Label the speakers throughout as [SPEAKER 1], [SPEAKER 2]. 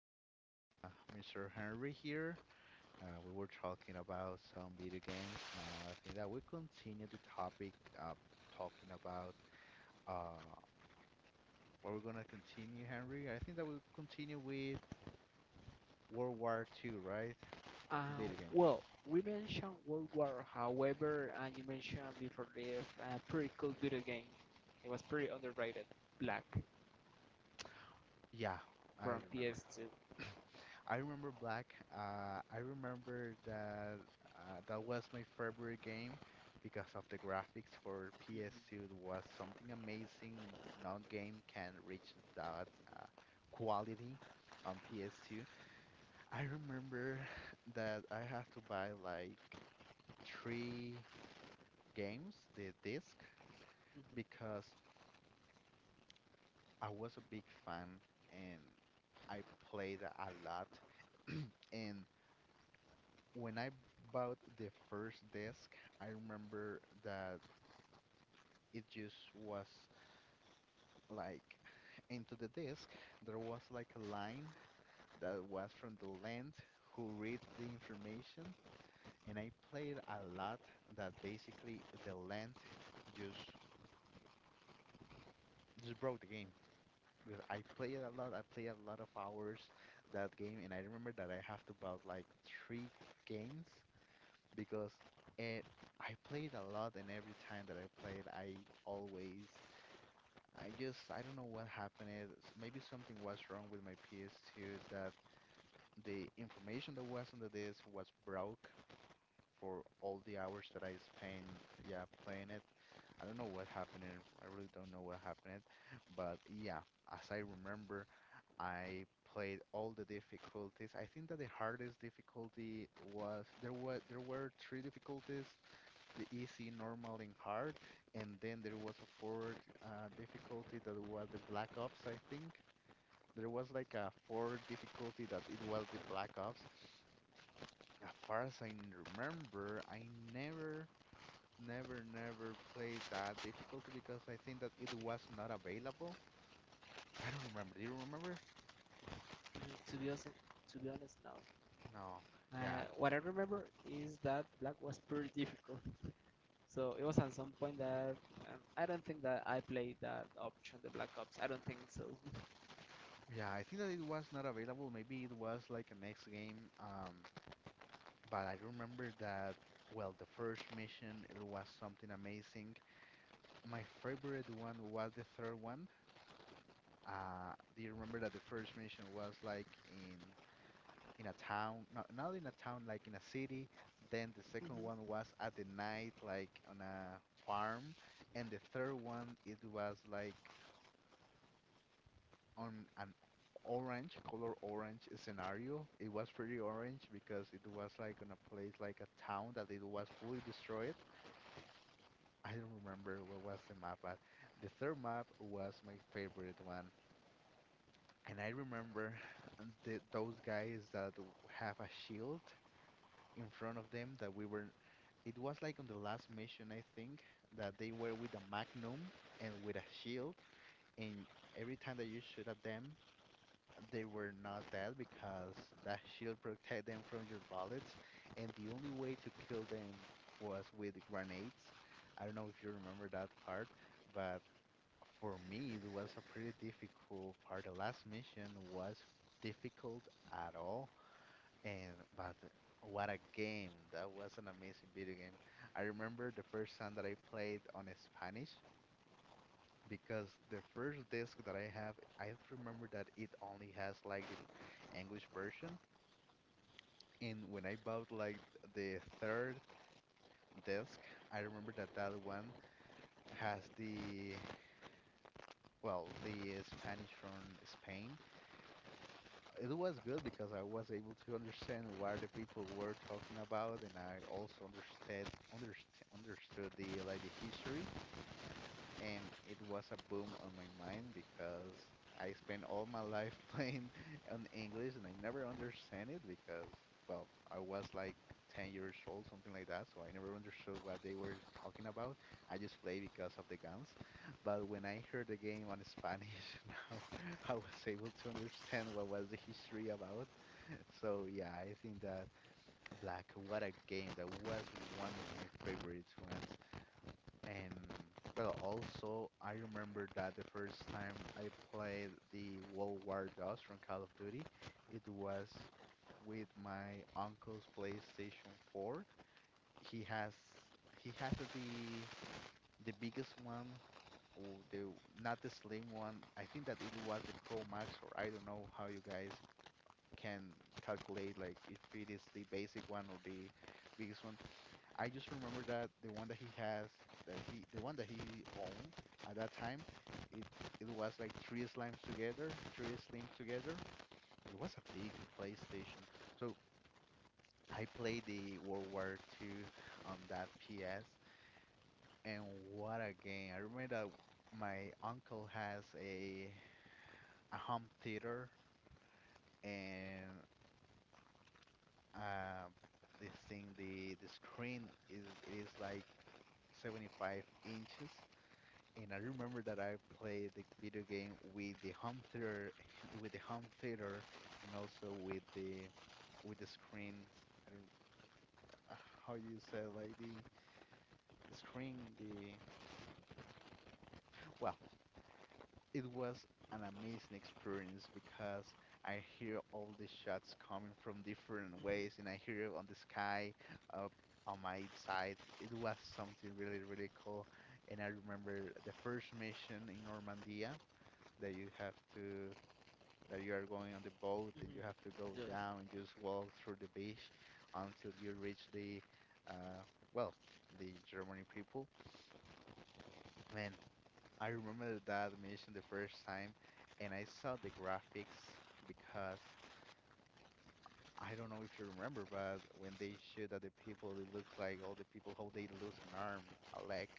[SPEAKER 1] got Mr. Henry here. We were talking about some video games. Now, I think that we continue the topic uh, talking about uh, what we're gonna continue, Henry. I think that we'll continue with World War II, right?
[SPEAKER 2] Uh,
[SPEAKER 1] The video game.
[SPEAKER 2] well, we mentioned World War, however, and you mentioned before this a pretty cool video game. It was pretty underrated, Black
[SPEAKER 1] Yeah, I
[SPEAKER 2] from
[SPEAKER 1] remember.
[SPEAKER 2] PS2.
[SPEAKER 1] I remember Black. I remember that that was my favorite game because of the graphics for PS2. It was something amazing. No game can reach that uh, quality on PS2. I remember that I had to buy like three games, the disc, because I was a big fan and I played a lot. And when I bought the first desk, I remember that it just was like into the desk, there was like a line that was from the land who read the information, and I played a lot that basically the land just just broke the game. Because I played a lot, I played a lot of hours that game, and I remember that I have to bought like three games because it, I played a lot, and every time that I played, I always, I just, I don't know what happened. Is maybe something was wrong with my PS2 that the information that was on the disc was broke for all the hours that I spent, yeah, playing it. I don't know what happened. And I really don't know what happened, but yeah, as I remember, I played all the difficulties. I think that the hardest difficulty was there were three difficulties, the easy, normal, and hard. And then there was a fourth difficulty that was the Black Ops, I think. There was like a fourth difficulty that it was the Black Ops. As far as I remember, I never, never, never played that difficulty because I think that it was not available. I don't remember. Do you remember?
[SPEAKER 2] Mhm. To be honest now,
[SPEAKER 1] No. Yeah.
[SPEAKER 2] what I remember is that Black was pretty difficult. So it was at some point that I don't think that I played that option, the Black Ops. I don't think so.
[SPEAKER 1] Yeah, I think that it was not available. Maybe it was like a next game. But I remember that, well, the first mission, it was something amazing. My favorite one was the third one. Do you remember that the first mission was like in a town, no, not in a town, like in a city. Then the second
[SPEAKER 2] Mhm,
[SPEAKER 1] one was at the night, like on a farm, and the third one it was like on an orange, color orange scenario. It was pretty orange because it was like on a place like a town that it was fully destroyed. I don't remember what was the map, but the third map was my favorite one. And I remember the, those guys that have a shield in front of them that we were. It was like on the last mission, I think, that they were with a magnum and with a shield. And every time that you shoot at them, they were not dead because that shield protect them from your bullets. And the only way to kill them was with grenades. I don't know if you remember that part, but for me, it was a pretty difficult part. The last mission was difficult at all, and but what a game! That was an amazing video game. I remember the first time that I played on Spanish because the first disc that I have, I remember that it only has like the English version, and when I bought like the third disc, I remember that that one has the well the Spanish from Spain. It was good because I was able to understand what the people were talking about, and I also understood understood the like the history, and it was a boom on my mind because I spent all my life playing on English and I never understand it because well, I was like 10 years old, something like that, so I never understood what they were talking about. I just played because of the guns. But when I heard the game on Spanish, now I was able to understand what was the history about, so yeah, I think that Black, what a game. That was one of my favorites ones. And well, also I remember that the first time I played the World War DOS from Call of Duty, it was with my uncle's PlayStation 4. He has he had the biggest one or the not the slim one. I think that it was the Pro Max or I don't know how you guys can calculate like if it is the basic one or the biggest one. I just remember that the one that he has, that he, the one that he owned at that time, it it was like three slimes together, three slim together. It was a big PlayStation. So I played the World War II on that PS, and what a game! I remember that my uncle has a home theater, and uh, this thing the screen is it is like 75 inches. And I remember that I played the video game with the home theater with the home theater and also with the screen. I don't, uh, how you say, like the screen, the, well, it was an amazing experience because I hear all the shots coming from different
[SPEAKER 2] mhm,
[SPEAKER 1] ways, and I hear it on the sky, up on my side. It was something really, really cool. And I remember the first mission in Normandia that you have to, that you are going on the boat and you
[SPEAKER 2] mhm.
[SPEAKER 1] have to go
[SPEAKER 2] Yes,
[SPEAKER 1] down and just walk through the beach until you reach the, uh, well, the Germany people. Man, I remember that animation the first time and I saw the graphics because I don't know if you remember, but when they shoot at the people, it looks like all the people how they lose an arm, a leg.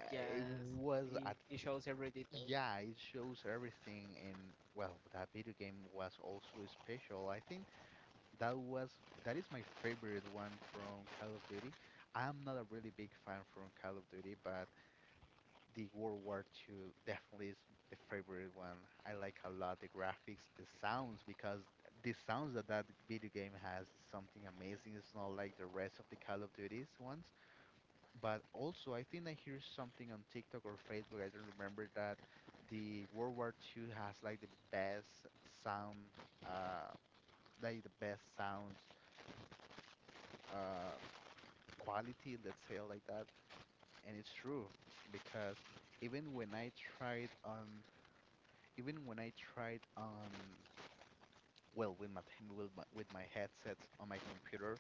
[SPEAKER 1] Uh, It
[SPEAKER 2] it,
[SPEAKER 1] was at
[SPEAKER 2] it shows every detail.
[SPEAKER 1] yeah, it shows everything and well, that video game was also special. I think that was that is my favorite one from Call of Duty. I'm not a really big fan from Call of Duty, but the World War II definitely is the favorite one. I like a lot the graphics, the sounds, because the sounds that that video game has is something amazing. It's not like the rest of the Call of Duties ones. But also, I think I hear something on TikTok or Facebook. I don't remember that the World War II has like the best sound, uh, like the best sounds, uh, quality. Let's say it like that, and it's true because even when I tried on even when I tried on, well, with my headsets on my computer,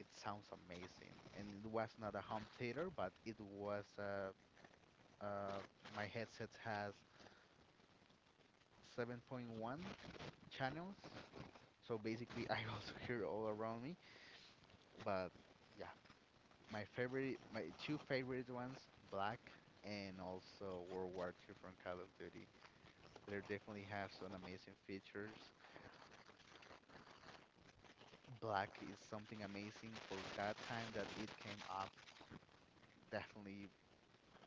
[SPEAKER 1] it sounds amazing. And it was not a home theater, but it was uh, my headset has 7.1 channels, so basically I also hear all around me. But yeah, my two favorite ones, Black and also World War II from Call of Duty. They definitely have some amazing features. Black is something amazing for that time that it came up. Definitely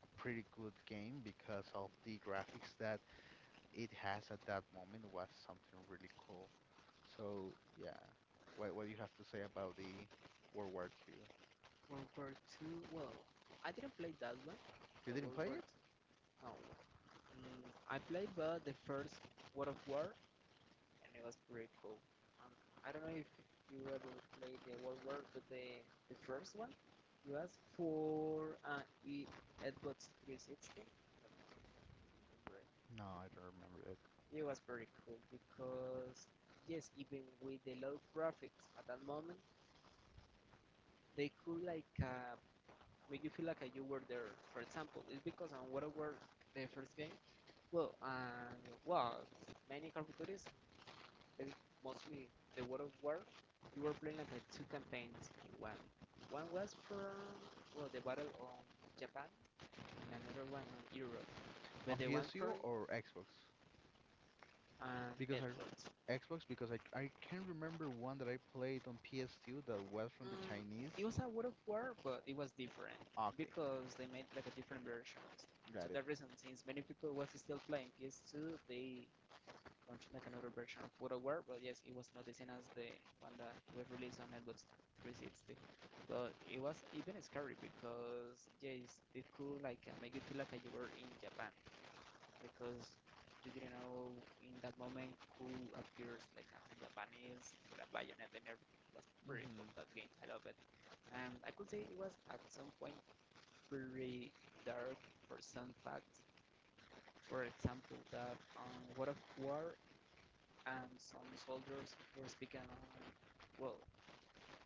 [SPEAKER 1] a pretty good game because of the graphics that it has at that moment was something really cool. So yeah, what do you have to say about the World War II?
[SPEAKER 2] World War Two. Well, I didn't play that one,
[SPEAKER 1] You
[SPEAKER 2] the
[SPEAKER 1] didn't
[SPEAKER 2] World
[SPEAKER 1] play
[SPEAKER 2] War
[SPEAKER 1] it?
[SPEAKER 2] Two. Oh, I played but the first World of War, and it was pretty cool. Um, I don't know if you ever played the World War, but the first one it was for e Xbox 360. I don't know if you remember it.
[SPEAKER 1] No, I don't remember it.
[SPEAKER 2] It was pretty cool because yes, even with the low graphics at that moment, they could make you feel like you were there. For example, it's because on World War the first game, well, and well, many Call of Duties, but mostly the World of War, you were playing like two campaigns in one. One was for well the Battle on Japan, and another one on Europe. But
[SPEAKER 1] On
[SPEAKER 2] the one
[SPEAKER 1] PSU
[SPEAKER 2] from
[SPEAKER 1] or Xbox? Because I
[SPEAKER 2] Edwards,
[SPEAKER 1] Xbox because I can remember one that I played on PS2 that was from the
[SPEAKER 2] mm,
[SPEAKER 1] Chinese.
[SPEAKER 2] it was a World of War, but it was different
[SPEAKER 1] Okay,
[SPEAKER 2] because they made like a different versions. And to
[SPEAKER 1] got it.
[SPEAKER 2] that reason, since many people was still playing PS2, they Launching like another version of World of War, but yes, it was not the same as the one that was released on Xbox 360. But it was even scary because yes, they could make you feel like you were in Japan because you didn't know in that moment who appears like a Japanese with a bayonet and everything. It was pretty cool
[SPEAKER 1] Mhm.
[SPEAKER 2] that game. I love it. And I could say it was at some point pretty dark for some facts. For example, that God of War and some soldiers were speaking, well,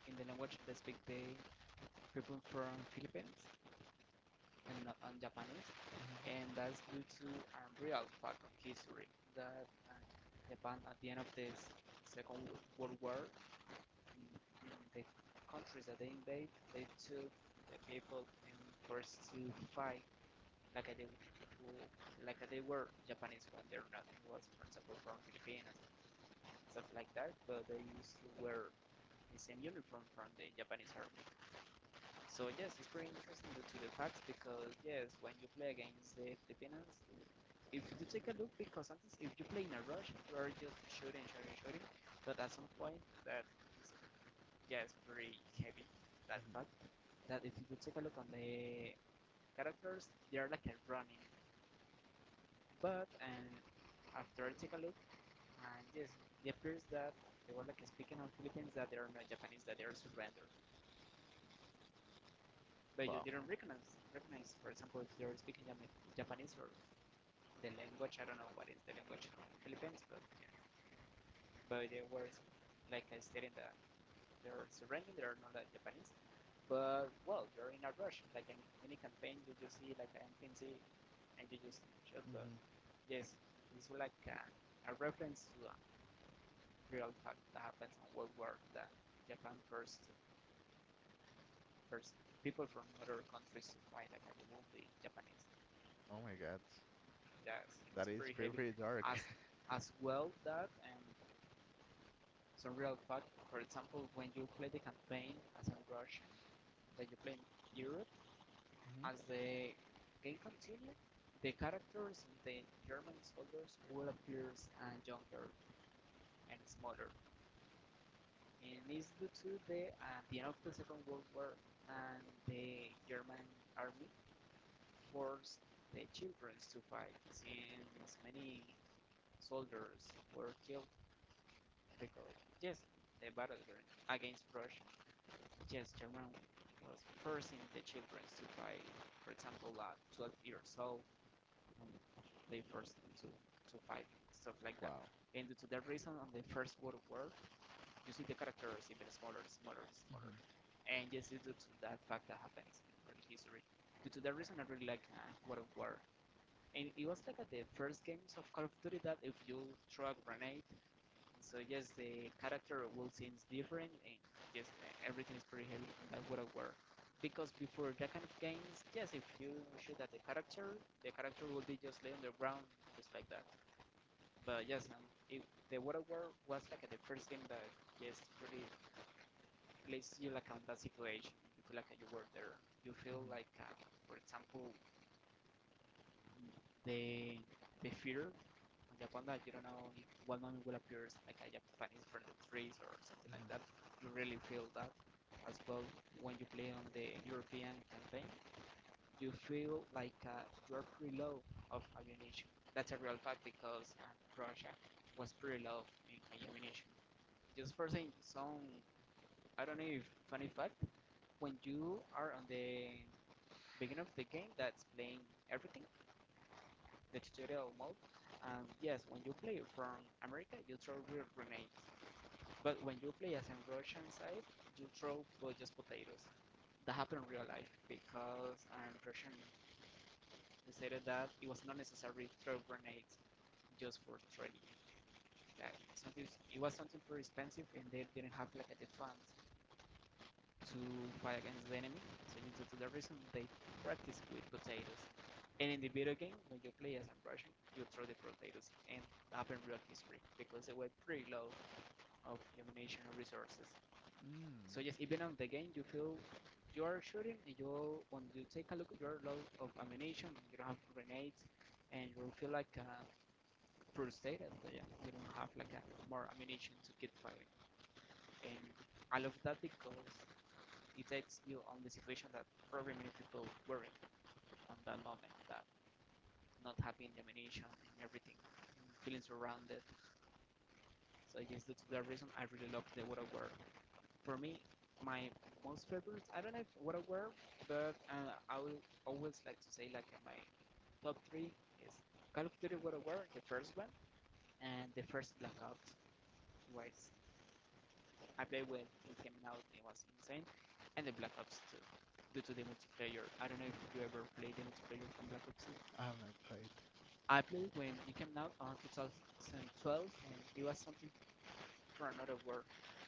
[SPEAKER 2] in the language they speak the people from Philippines and not on Japanese,
[SPEAKER 1] Mhm.
[SPEAKER 2] and that's due to a real fact of history that Japan at the end of this Second World War, in the countries that they invade, they took the people and forced to fight like they like they were Japanese when they're not. It was, for example, from Philippines and stuff like that, but they used to wear the same uniform from the Japanese army. So yes, it's pretty interesting due to the fact because yes, when you play against the Filipinos, if you take a look, because sometimes if you play in a rush, you are just shooting, shooting, shooting. But at some point, that is yes, pretty heavy. That
[SPEAKER 1] Mhm.
[SPEAKER 2] fact that if you take a look on the characters, they are like a running. But and after I take a look, and yes, it appears that they were like speaking on Philippines that they are not Japanese, that they are surrendered. But you
[SPEAKER 1] Wow.
[SPEAKER 2] didn't recognize for example if you're speaking Japanese or the language, I don't know what is the language of the Philippines, but they were like I stated that they're surrendering, they're not like Japanese, but well you're in a rush like in any campaign, you just see like an NPC and you just shoot, but
[SPEAKER 1] Mhm.
[SPEAKER 2] yes, it's like a reference to a real fact that happens in World War, that Japan first people from other countries to fight against the Japanese.
[SPEAKER 1] Oh my God,
[SPEAKER 2] Yes, it was
[SPEAKER 1] that is
[SPEAKER 2] pretty
[SPEAKER 1] pretty
[SPEAKER 2] heavy.
[SPEAKER 1] pretty dark.
[SPEAKER 2] As as well that and some real fact. For example, when you play the campaign as a Russian, that you play in Europe,
[SPEAKER 1] Mhm.
[SPEAKER 2] as the game continued, the characters in the German soldiers will appear and younger and smaller. And it's due to the end of the Second World War and the German army forced the children to fight since many soldiers were killed because yes, the battle against Russia, yes, German was forcing the children to fight. For example, at 12 years old, they forced them to fight, stuff like that.
[SPEAKER 1] Wow.
[SPEAKER 2] And due to that reason, on the First World War, you see the characters even smaller, smaller, smaller.
[SPEAKER 1] Hmm.
[SPEAKER 2] And yes, due to that fact that happens in history. Due to that reason, I really like World War. And it was like at the first games of Call of Duty that if you throw a grenade, so yes, the character will seems different and yes, everything is pretty heavy. And that's what I wear. Because before that kind of games, yes, if you shoot at the character will be just lay on the ground, just like that. But yes, if the Water War was like the first game that just really places you like on that situation. You feel like you were there. You feel
[SPEAKER 1] Hmm.
[SPEAKER 2] like, for example, the the fear on Japan that you don't know if one moment will appear like a Japanese from the trees or something like
[SPEAKER 1] Hmm.
[SPEAKER 2] that. You really feel that as well when you play on the European campaign. You feel like you're pretty low of ammunition. That's a real fact because Russia was pretty low in ammunition. Just for saying some, I don't know if funny fact, when you are on the beginning of the game that's playing everything, the tutorial mode. And yes, when you play from America, you throw real grenades. But when you play as in Russian side, you throw just potatoes. That happened in real life because Russian decided that it was not necessary to throw grenades just for training. Like something, it was something too expensive, and they didn't have like the funds to fight against the enemy. So due to the reason they practice with potatoes. And in the video game, when you play as a Russian, you throw the potatoes and happen real history because they were pretty low of ammunition and resources.
[SPEAKER 1] Mm.
[SPEAKER 2] So yes, even on the game, you feel you are shooting and you when you take a look at your load of ammunition, you don't have grenades, and you feel like frustrated. So yeah, you don't have like a, more ammunition to keep fighting, and I love that because it takes you on the situation that probably many people were in on that moment, that not having the ammunition and everything, and feeling surrounded. So I Due to that reason, I really love the War. For me, my most favorite, I don't know if War, but I will always like to say like my top three is Call of Duty World the first one, and the first Black Ops was I played when it came out, it was insane. And the Black Ops 2, due to the multiplayer. I don't know if you ever played the multiplayer from Black Ops 2.
[SPEAKER 1] I haven't played.
[SPEAKER 2] I played when it came out on 2012, and it was something for another world.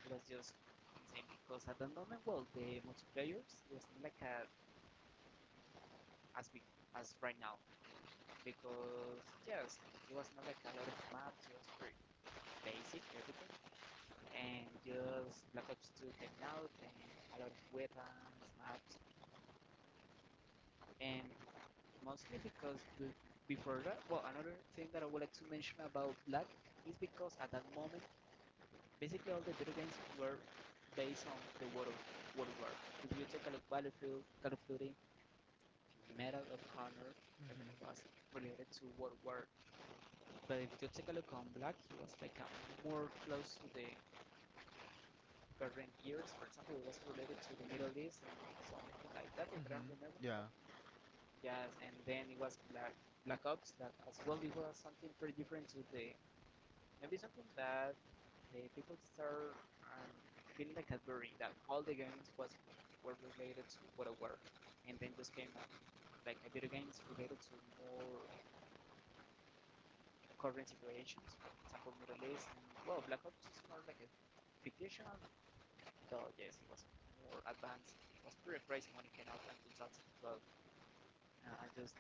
[SPEAKER 2] It was just insane because at that moment, well, the multiplayers was not like a, as big as right now because yes, it was not like a lot of maps. It was pretty basic everything, and just Black Ops 2 came out and a lot of weapons, maps, and mostly because the, before that, well, another thing that I would like to mention about Black is because at that moment, basically all the video games were based on the World, World War. If you take a look, Battlefield, Call of Duty, Medal of Honor, everything
[SPEAKER 1] Hmm.
[SPEAKER 2] was related to World War. But if you take a look on Black, he was like a more close to the current years. For example, it was related to the Middle East and something like that, if I don't
[SPEAKER 1] Hmm.
[SPEAKER 2] remember.
[SPEAKER 1] Yeah,
[SPEAKER 2] Yes, and then it was Black Ops that as well it was something pretty different to the maybe something that the people start um, feeling like that very that all the games was were related to what it were, and then just came up like a video games related to more current situations, for example Middle East. And, well, Black Ops is more like a fictional, though yes, it was more advanced. It was pretty crazy when it came out in 2012. I just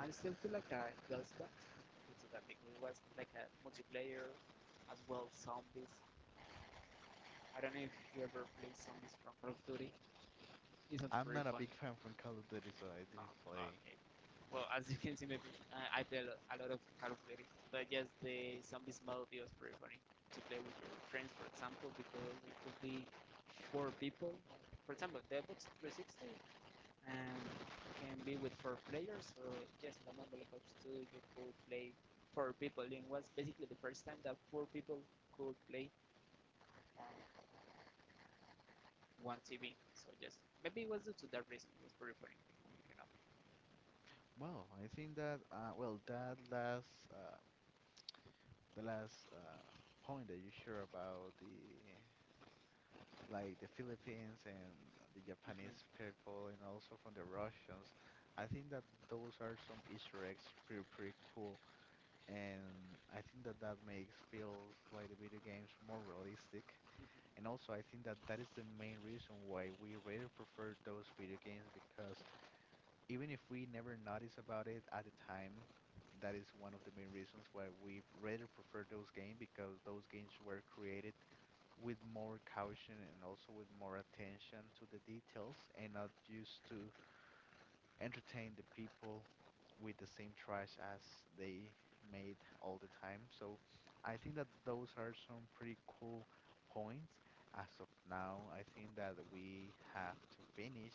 [SPEAKER 2] I still feel like I does that into that because it was like a multiplayer as well zombies. I don't know if you ever play zombies from Call of Duty. It's not
[SPEAKER 1] I'm
[SPEAKER 2] very
[SPEAKER 1] not a
[SPEAKER 2] fun.
[SPEAKER 1] big fan from Call of Duty, so I
[SPEAKER 2] No,
[SPEAKER 1] didn't play.
[SPEAKER 2] okay. Well, as you can see, maybe I play a lot of Call of Duty, but yes, the zombies mode is was pretty funny to play with your friends, for example, because it could be four people. For example, the Xbox 360 and can be with four players, so just the mobile Ops 2 you could play four people and it was basically the first time that four people could play on one TV, so just maybe it was due to that reason it was very funny, you know
[SPEAKER 1] Well, I think that well that last the last point that you share about the like the Philippines and the
[SPEAKER 2] Mm-hmm.
[SPEAKER 1] Japanese people and also from the Russians. I think that those are some Easter eggs pretty pretty cool, and I think that that makes feels like the video games more realistic.
[SPEAKER 2] Mm-hmm.
[SPEAKER 1] And also, I think that that is the main reason why we rather prefer those video games because even if we never notice about it at the time. That is one of the main reasons why we rather prefer those games because those games were created with more caution and also with more attention to the details and not used to entertain the people with the same trash as they made all the time. So I think that those are some pretty cool points. As of now, I think that we have to finish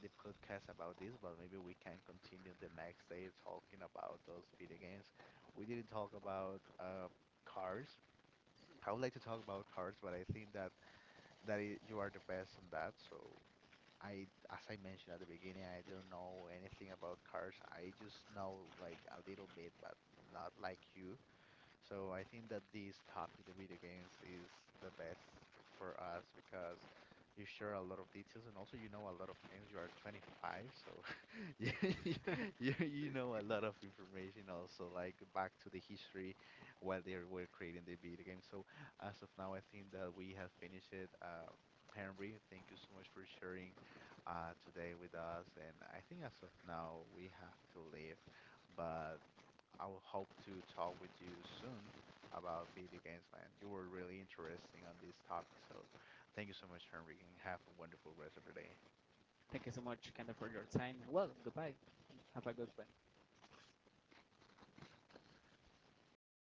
[SPEAKER 1] the podcast about this, but maybe we can continue the next day talking about those video games. We didn't talk about cars. I would like to talk about cars, but I think that that I you are the best on that. So I, as I mentioned at the beginning, I don't know anything about cars. I just know like a little bit, but not like you. So I think that this topic, the video games, is the best for us because you share a lot of details and also you know a lot of things. You are 25, so you, you know a lot of information also, like back to the history while they were creating the video game. So as of now, I think that we have finished it. Henry, thank you so much for sharing today with us. And I think as of now, we have to leave. But I will hope to talk with you soon about video games, man. You were really interesting on this topic, so thank you so much, Henry, and have a wonderful rest of your day.
[SPEAKER 2] Thank you so much, Kendall, for your time. Well, goodbye, have a good one.